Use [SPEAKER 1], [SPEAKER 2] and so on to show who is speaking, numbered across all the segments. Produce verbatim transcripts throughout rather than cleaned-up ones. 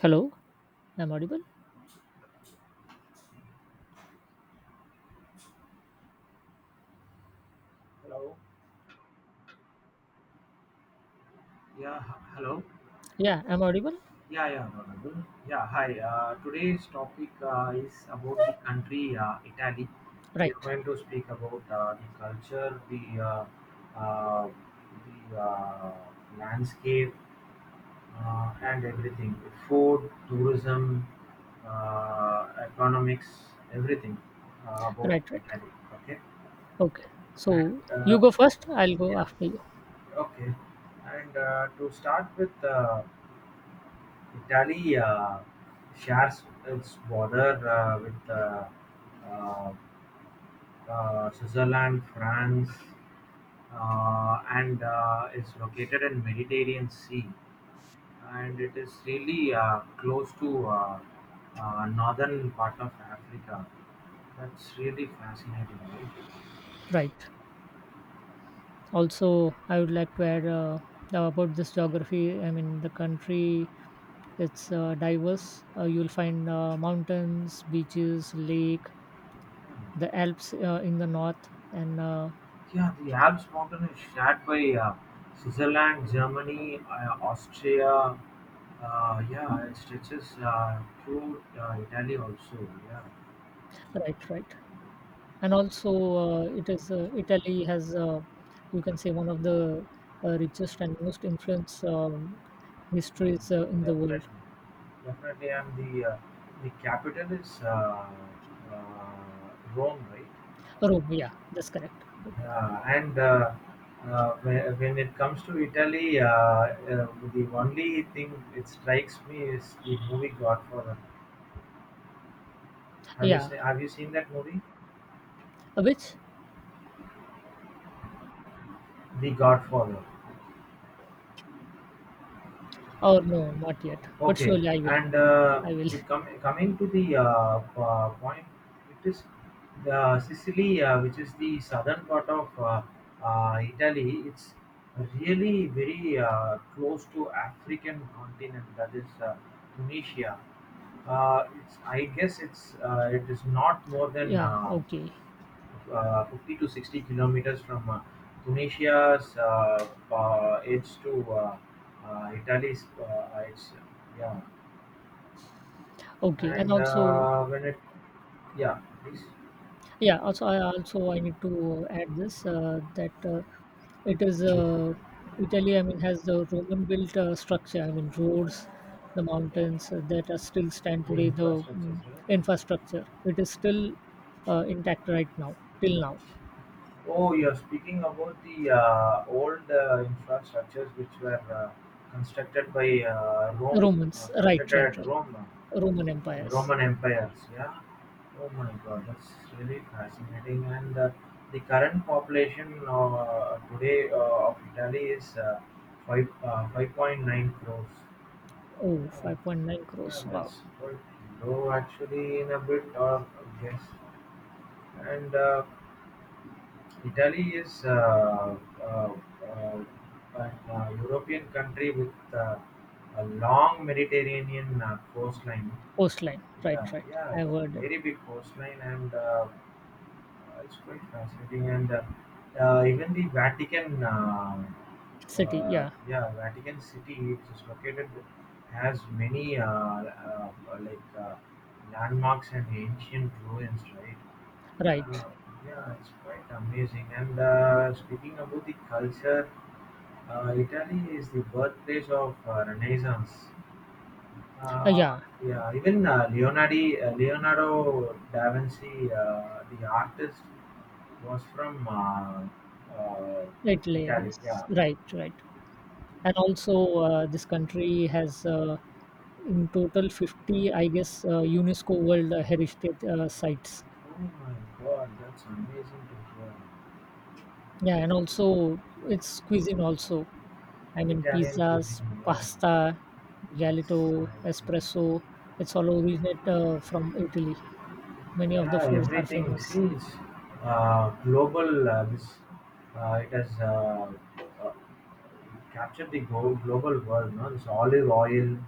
[SPEAKER 1] Hello, I'm audible?
[SPEAKER 2] Hello. Yeah, h- hello.
[SPEAKER 1] Yeah, I'm audible?
[SPEAKER 2] Yeah, yeah, Mhm. Yeah. Hi. Uh, today's topic uh, is about the country uh, Italy. We are
[SPEAKER 1] Right,
[SPEAKER 2] going to speak about uh, the culture, the uh, uh, the uh, landscape, uh, and everything. Food, tourism, uh, economics, everything uh, about
[SPEAKER 1] right, right.
[SPEAKER 2] Italy. Okay.
[SPEAKER 1] Okay,
[SPEAKER 2] And
[SPEAKER 1] so you
[SPEAKER 2] uh,
[SPEAKER 1] go first, I'll go
[SPEAKER 2] yeah,
[SPEAKER 1] after you.
[SPEAKER 2] okay. And uh, to start with. Uh, Italy uh, shares its border uh, with uh, uh, uh, Switzerland, France uh, and uh, is located in Mediterranean Sea, and it is really uh, close to uh, uh, northern part of Africa. That's really fascinating, right?
[SPEAKER 1] Right. Also, I would like to add uh, about this geography. I mean, the country, it's uh, diverse. Uh, you'll find uh, mountains, beaches, lake, the Alps uh, in the north, and uh,
[SPEAKER 2] Yeah, the Alps mountain is shared by uh, Switzerland, Germany, uh, Austria. Uh, yeah, it stretches uh, through uh, Italy also. Yeah,
[SPEAKER 1] right, right. And also uh, it is uh, Italy has uh, you can say one of the uh, richest and most influence um, histories uh, in the world.
[SPEAKER 2] definitely, definitely. And the uh, the capital is uh, uh, Rome, right?
[SPEAKER 1] Rome, yeah, that's correct.
[SPEAKER 2] Uh, and uh, uh, when, when it comes to Italy, uh, uh, the only thing it strikes me is the movie Godfather. Have you
[SPEAKER 1] Yeah,
[SPEAKER 2] seen Have you seen that movie,
[SPEAKER 1] which
[SPEAKER 2] The Godfather?
[SPEAKER 1] or no, not yet, but
[SPEAKER 2] Okay.
[SPEAKER 1] surely I will.
[SPEAKER 2] And uh,
[SPEAKER 1] I will.
[SPEAKER 2] we come coming to the uh, uh, point, it is the Sicily, uh, which is the southern part of uh, uh, Italy. It's really very uh, close to African continent, that is uh, Tunisia. Uh, it's I guess it's uh, it is not more than
[SPEAKER 1] Yeah,
[SPEAKER 2] uh,
[SPEAKER 1] okay,
[SPEAKER 2] uh, fifty to sixty kilometers from uh, Tunisia's uh, uh, edge to uh, uh, Italy's uh, edge. Yeah.
[SPEAKER 1] okay, and
[SPEAKER 2] And
[SPEAKER 1] also
[SPEAKER 2] uh, when it, yeah, please,
[SPEAKER 1] yeah, also I also I need to add this uh, that uh, it is
[SPEAKER 2] please.
[SPEAKER 1] uh, Italy. I mean, has the Roman built uh, structure. I mean, roads, the mountains uh, that are still stand
[SPEAKER 2] The
[SPEAKER 1] today. The
[SPEAKER 2] infrastructures,
[SPEAKER 1] mm,
[SPEAKER 2] right?
[SPEAKER 1] infrastructure it is still uh, intact right now. Till now,
[SPEAKER 2] Oh, you're speaking about the uh, old uh, infrastructures which were uh, constructed by uh, Rome, uh,
[SPEAKER 1] Romans, right,
[SPEAKER 2] constructed
[SPEAKER 1] right,
[SPEAKER 2] at Rome,
[SPEAKER 1] right.
[SPEAKER 2] uh,
[SPEAKER 1] Roman
[SPEAKER 2] the
[SPEAKER 1] empires.
[SPEAKER 2] Roman empires. Yeah. Oh my God, that's really fascinating. And uh, the current population uh, today uh, of Italy is uh, five uh, five point nine crores.
[SPEAKER 1] Oh,
[SPEAKER 2] Oh,
[SPEAKER 1] five point nine
[SPEAKER 2] yeah,
[SPEAKER 1] crores. Wow.
[SPEAKER 2] that's quite low actually in a bit, or yes. And uh, Italy is uh, uh, uh, an uh, European country with uh, a long Mediterranean uh, coastline.
[SPEAKER 1] Coastline. Right,
[SPEAKER 2] Yeah,
[SPEAKER 1] right.
[SPEAKER 2] yeah,
[SPEAKER 1] I heard it.
[SPEAKER 2] very big coastline, and uh, uh, it's quite fascinating. And uh, uh, even the Vatican, uh,
[SPEAKER 1] City.
[SPEAKER 2] uh,
[SPEAKER 1] Yeah.
[SPEAKER 2] yeah, Vatican City, which is located, has many uh, uh, like uh, landmarks and ancient ruins, right? Yeah. Uh,
[SPEAKER 1] Right.
[SPEAKER 2] yeah, it's quite amazing. And uh, speaking about the culture, uh, Italy is the birthplace of uh, Renaissance.
[SPEAKER 1] Uh,
[SPEAKER 2] Uh,
[SPEAKER 1] yeah.
[SPEAKER 2] yeah, even uh, Leonardi, uh, Leonardo da Vinci, uh, the artist, was from uh, uh,
[SPEAKER 1] Italy, I
[SPEAKER 2] Italy.
[SPEAKER 1] guess.
[SPEAKER 2] Yeah.
[SPEAKER 1] Right, right. And also uh, this country has uh, in total fifty I guess uh, UNESCO world heritage uh, sites.
[SPEAKER 2] Oh my God, that's amazing to hear.
[SPEAKER 1] Yeah, and also its cuisine also, I mean,
[SPEAKER 2] Italian
[SPEAKER 1] pizzas,
[SPEAKER 2] cuisine. Yeah,
[SPEAKER 1] pasta, gelato,
[SPEAKER 2] exactly.
[SPEAKER 1] espresso, it's all originate uh, from Italy. Many of the
[SPEAKER 2] Yeah,
[SPEAKER 1] foods are
[SPEAKER 2] everything.
[SPEAKER 1] famous.
[SPEAKER 2] See, it's uh, global. Uh, this uh, It has uh, uh, captured the go- global world. No, this olive oil.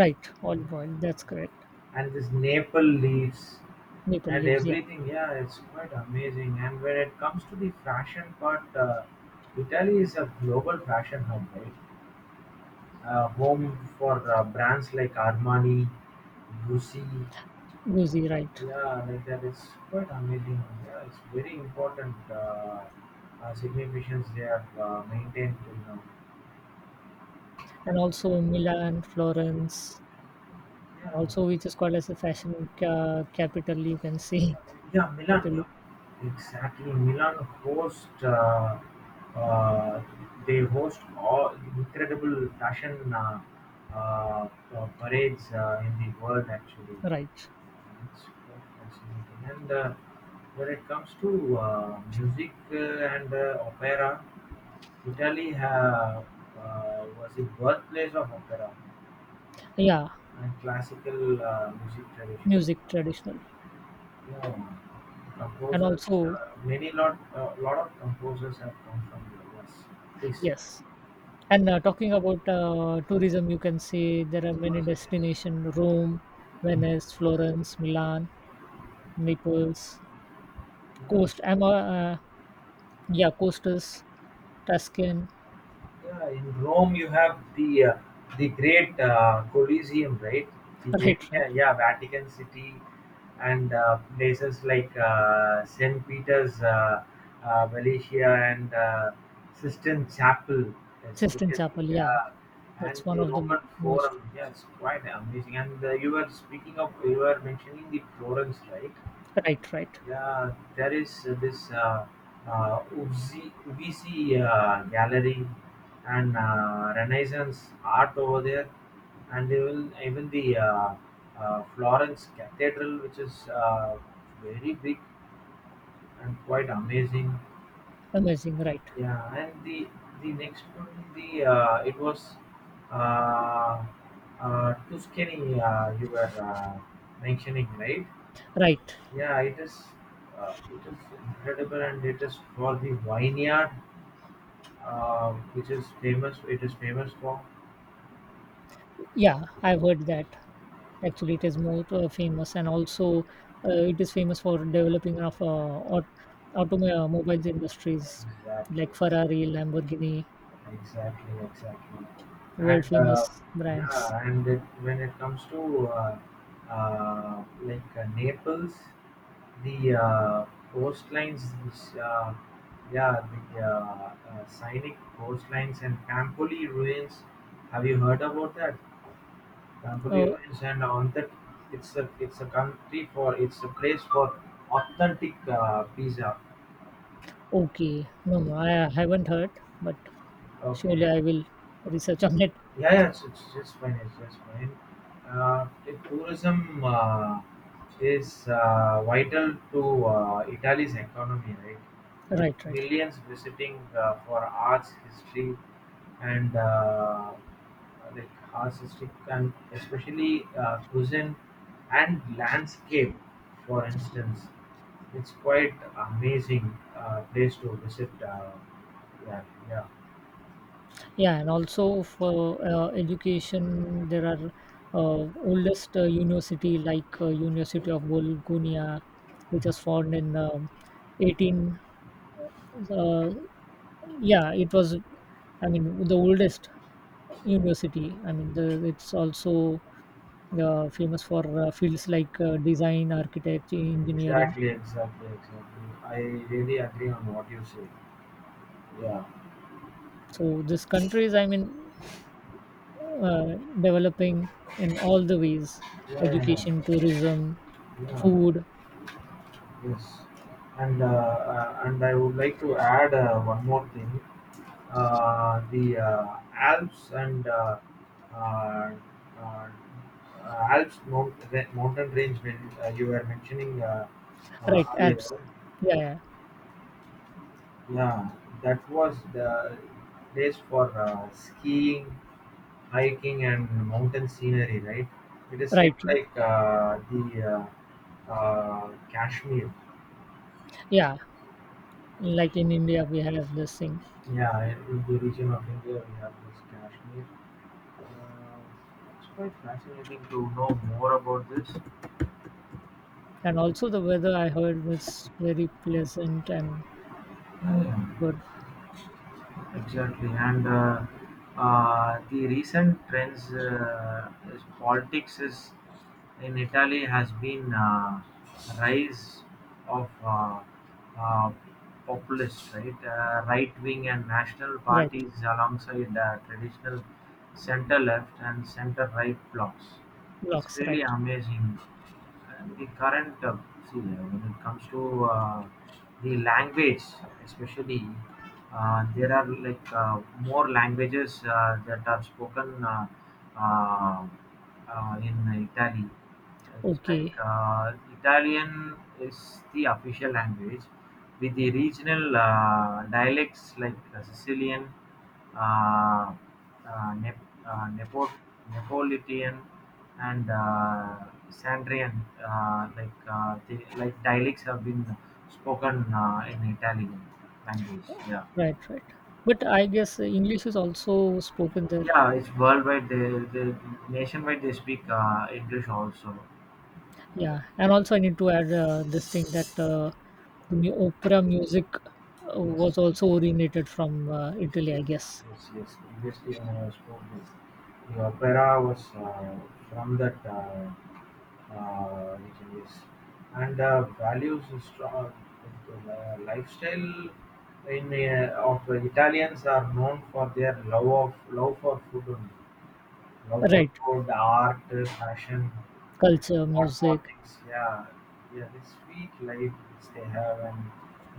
[SPEAKER 1] Right, olive oil, that's correct.
[SPEAKER 2] And this Naples leaves
[SPEAKER 1] Maple
[SPEAKER 2] and
[SPEAKER 1] leaves, yeah.
[SPEAKER 2] everything. Yeah, it's quite amazing. And when it comes to the fashion part, uh, Italy is a global fashion hub, right? Uh, home for uh, brands like Armani, Gucci.
[SPEAKER 1] Guzzi, right.
[SPEAKER 2] Yeah, like that. It's quite amazing. Yeah, it's very important uh, uh, significance they have uh, maintained till now.
[SPEAKER 1] And also Milan, Florence, and
[SPEAKER 2] Yeah.
[SPEAKER 1] also which is called as a fashion ca- capital, you can see
[SPEAKER 2] Yeah, Milan.
[SPEAKER 1] Italy,
[SPEAKER 2] Yeah, exactly. Milan host. Uh, uh, they host all incredible fashion uh, uh, uh, parades uh, in the world. Actually,
[SPEAKER 1] right.
[SPEAKER 2] it's quite fascinating. And uh, when it comes to uh, music uh, and uh, opera, Italy ha- uh, was the birthplace of opera
[SPEAKER 1] Yeah,
[SPEAKER 2] and classical uh, music tradition.
[SPEAKER 1] music traditional.
[SPEAKER 2] Yeah,
[SPEAKER 1] And
[SPEAKER 2] composers,
[SPEAKER 1] also,
[SPEAKER 2] uh, many lot, uh, lot of composers have come from the U S. Yes,
[SPEAKER 1] yes. And uh, talking about uh, tourism, you can say there are many
[SPEAKER 2] yes, yes.
[SPEAKER 1] destinations: Rome, Venice, Florence, Milan, Naples,
[SPEAKER 2] Yeah.
[SPEAKER 1] Coast, Am- uh, uh, yeah, coasters, Tuscan,
[SPEAKER 2] Yeah, in Rome you have the uh, the great uh, Colosseum, right? The
[SPEAKER 1] right, right.
[SPEAKER 2] Vatican, yeah, Vatican City, and uh, places like uh, Saint Peter's uh, uh, Valley and uh, Sistine Chapel,
[SPEAKER 1] Sistine
[SPEAKER 2] especially.
[SPEAKER 1] Chapel, yeah.
[SPEAKER 2] Yeah, and
[SPEAKER 1] That's one
[SPEAKER 2] the
[SPEAKER 1] of the
[SPEAKER 2] Roman
[SPEAKER 1] most,
[SPEAKER 2] Forum. Yeah, it's quite amazing. And uh, you were speaking of, you were mentioning the Florence, right?
[SPEAKER 1] right, right.
[SPEAKER 2] Yeah, there is uh, this uh, uh, Uffizi Uffizi, uh, gallery and uh, Renaissance art over there, and even even the uh, uh, Florence Cathedral, which is uh, very big and quite amazing.
[SPEAKER 1] Amazing, right,
[SPEAKER 2] Yeah, and the the next one, the uh, it was uh, uh, Tuscany. Uh, you were uh, mentioning, right?
[SPEAKER 1] right.
[SPEAKER 2] Yeah, it is uh, it is incredible, and it is for the vineyard, uh, which is famous. It is famous for.
[SPEAKER 1] Yeah, I've heard that. Actually, it is more uh, famous, and also uh, it is famous for developing of uh, aut- automobiles industries
[SPEAKER 2] Exactly,
[SPEAKER 1] like Ferrari, Lamborghini,
[SPEAKER 2] exactly, exactly.
[SPEAKER 1] world
[SPEAKER 2] And uh,
[SPEAKER 1] famous brands.
[SPEAKER 2] yeah, and it, when it comes to uh, uh, like uh, Naples, the uh, coastlines, which, uh, yeah, the uh, uh, scenic coastlines and Campoli ruins. Have you heard about that? Cambodia
[SPEAKER 1] Oh,
[SPEAKER 2] is an authentic It's a It's a country for it's a place for authentic uh, pizza.
[SPEAKER 1] okay. No, no, I haven't heard, but surely
[SPEAKER 2] Okay.
[SPEAKER 1] I will research on it.
[SPEAKER 2] Yeah, yeah, it's, it's just fine. It's just fine. Uh, the tourism uh, is uh, vital to uh, Italy's economy, right? With
[SPEAKER 1] Right, right.
[SPEAKER 2] millions visiting uh, for arts, history, and uh, like arts, history, and especially uh, cuisine and landscape, for instance, it's quite amazing uh, place to visit. Uh, yeah, yeah.
[SPEAKER 1] Yeah, and also for uh, education, there are uh, oldest uh, university like uh, University of Bologna, which was formed in um, eighteen. Uh, yeah, it was, I mean, the oldest university, I mean, the, it's also uh, famous for uh, fields like uh, design, architecture, engineering.
[SPEAKER 2] Exactly, exactly, exactly. I really agree on what you say. Yeah,
[SPEAKER 1] So this country is, I mean, uh, developing in all the ways:
[SPEAKER 2] yeah, yeah, yeah,
[SPEAKER 1] education, tourism,
[SPEAKER 2] yeah.
[SPEAKER 1] food.
[SPEAKER 2] Yes, and uh, uh, and I would like to add uh, one more thing. Uh, the uh, Alps and uh, uh, uh, uh, Alps mount, ra- mountain range when uh, you were mentioning uh, uh,
[SPEAKER 1] Right,
[SPEAKER 2] earlier.
[SPEAKER 1] Alps, yeah, yeah.
[SPEAKER 2] Yeah, that was the place for uh, skiing, hiking and mountain scenery, right? It is same
[SPEAKER 1] Right, right.
[SPEAKER 2] like uh, the uh, uh, Kashmir.
[SPEAKER 1] Yeah, like in India we have this thing.
[SPEAKER 2] Yeah, in in the region of India, we have this Kashmir. Uh, it's quite fascinating to know more about this.
[SPEAKER 1] And also the weather I heard is very pleasant and
[SPEAKER 2] Yeah,
[SPEAKER 1] good.
[SPEAKER 2] exactly. And uh, uh, The recent trends uh, is politics is in Italy has been uh, rise of uh, uh, populist, right, uh, right-wing and national
[SPEAKER 1] Right,
[SPEAKER 2] parties alongside uh, traditional center-left and center-right blocs. That's
[SPEAKER 1] blocks,
[SPEAKER 2] really
[SPEAKER 1] right.
[SPEAKER 2] amazing. And the current, uh, see, uh, when it comes to uh, the language, especially, uh, there are like uh, more languages uh, that are spoken uh, uh, uh, in Italy. It's like
[SPEAKER 1] Okay.
[SPEAKER 2] uh, Italian is the official language, with the regional uh, dialects like uh, Sicilian, uh, uh, Nep- uh, Nepo- Neapolitan, and uh, Sandrian, uh, like uh, the, like dialects have been spoken uh, in Italian language. Yeah,
[SPEAKER 1] Right, right. But I guess uh, English is also spoken there.
[SPEAKER 2] yeah, it's worldwide. They, they nationwide they speak uh, English also. Yeah.
[SPEAKER 1] Yeah, and also I need to add uh, this thing that uh, the mu- opera music uh,
[SPEAKER 2] Yes, yes,
[SPEAKER 1] was also originated from uh, Italy, I guess.
[SPEAKER 2] yes, yes. Previously, when I spoke, the, the opera was uh, from that. Uh, uh, region, yes. And uh, values is strong uh, lifestyle in uh, of Italians are known for their love of love for food only, love for
[SPEAKER 1] Right,
[SPEAKER 2] food, art, fashion,
[SPEAKER 1] culture,
[SPEAKER 2] and what more
[SPEAKER 1] music,
[SPEAKER 2] things? Yeah, yeah, this sweet life which they have and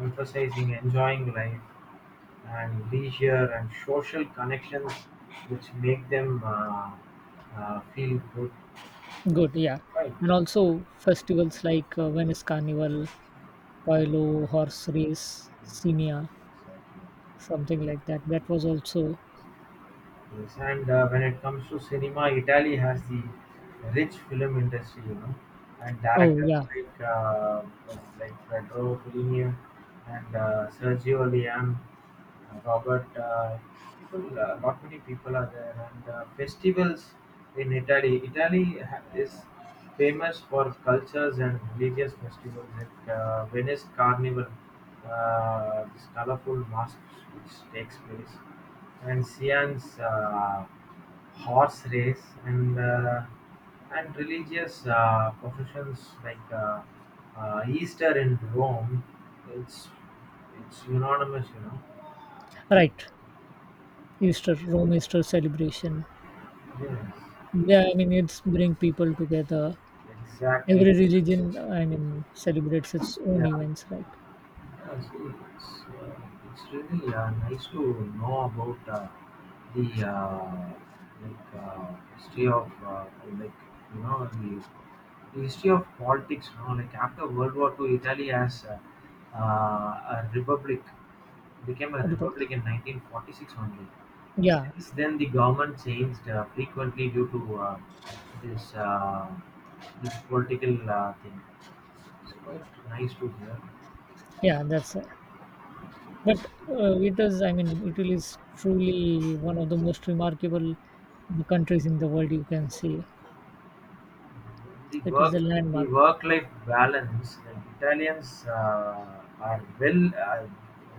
[SPEAKER 2] emphasizing enjoying life and leisure and social connections which make them uh, uh, feel good,
[SPEAKER 1] good, yeah. And
[SPEAKER 2] right?
[SPEAKER 1] also festivals like uh, Venice Carnival,
[SPEAKER 2] Exactly, e x
[SPEAKER 1] Paolo,
[SPEAKER 2] a
[SPEAKER 1] horse race,
[SPEAKER 2] c t d
[SPEAKER 1] Simia,
[SPEAKER 2] y.
[SPEAKER 1] something like that. That was also,
[SPEAKER 2] Yes, and uh, when it comes to cinema, Italy has the rich film industry, you know, and
[SPEAKER 1] oh
[SPEAKER 2] directors
[SPEAKER 1] yeah,
[SPEAKER 2] like uh, like Pedro Fellini and uh, Sergio Leone, uh, Robert. Uh, people, uh, not many people are there, and uh, festivals in Italy. Italy ha- is famous for cultures and religious festivals like uh, Venice Carnival, uh, this colorful masks which takes place, and Sian's uh, horse race and uh, and religious uh, processions like uh, uh, Easter in Rome. It's it's unanimous, you know.
[SPEAKER 1] right. Easter, Rome Easter celebration.
[SPEAKER 2] Yes,
[SPEAKER 1] Yeah, I mean, it's bring people together.
[SPEAKER 2] exactly.
[SPEAKER 1] Every religion, I mean, celebrates its own
[SPEAKER 2] Yeah.
[SPEAKER 1] events, right?
[SPEAKER 2] Yeah, see, it's, uh, it's really uh, nice to know about uh, the uh, like uh, history of uh, like you know the, the history of politics. You know, like after World War Two, Italy as uh, uh, a republic became a
[SPEAKER 1] At the pub-
[SPEAKER 2] republic in nineteen forty-six only.
[SPEAKER 1] yeah,
[SPEAKER 2] Since then, the government changed uh, frequently due to uh, this uh, this political uh, thing. It's quite nice to hear.
[SPEAKER 1] yeah, that's uh, but uh, it is. I mean, Italy is truly one of the most remarkable countries in the world. You can see
[SPEAKER 2] The
[SPEAKER 1] it is
[SPEAKER 2] work
[SPEAKER 1] a
[SPEAKER 2] the
[SPEAKER 1] landmark,
[SPEAKER 2] work-life balance that Italians uh, are well uh,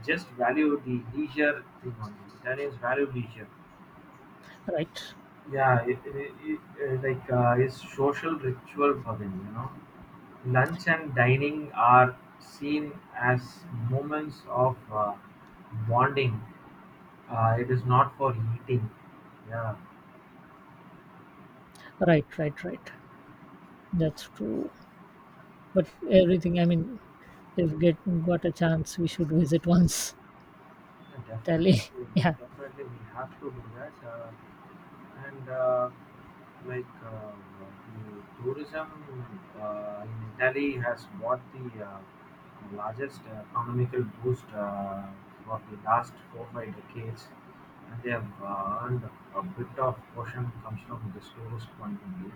[SPEAKER 2] just value the leisure thing only. Italians value leisure.
[SPEAKER 1] right?
[SPEAKER 2] Yeah, it, it, it, uh, like uh, it's social ritual for them. You know, lunch and dining are seen as moments of uh, bonding. Uh, it is not for eating. Yeah.
[SPEAKER 1] Right, right, right. That's true. But everything, I mean, if get got a chance, we should visit once
[SPEAKER 2] Yeah, definitely,
[SPEAKER 1] Italy.
[SPEAKER 2] we
[SPEAKER 1] Yeah,
[SPEAKER 2] definitely we have to do that. Uh, and uh, like uh, The tourism uh, in Italy has brought the uh, largest uh, economical boost uh, for the last four five decades. They have earned a bit of caution comes from the slowest point of view.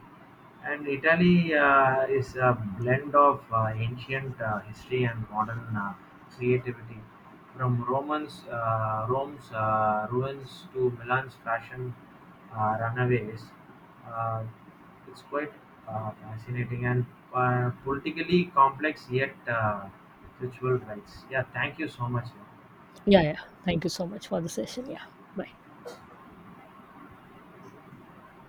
[SPEAKER 2] And Italy uh, is a blend of uh, ancient uh, history and modern uh, creativity. From Romans, uh, Rome's uh, ruins to Milan's fashion uh, runaways, uh, it's quite uh, fascinating and uh, politically complex yet uh, ritual rites. Yeah, thank you so much.
[SPEAKER 1] yeah, yeah. Thank you so much for the session. Yeah, bye.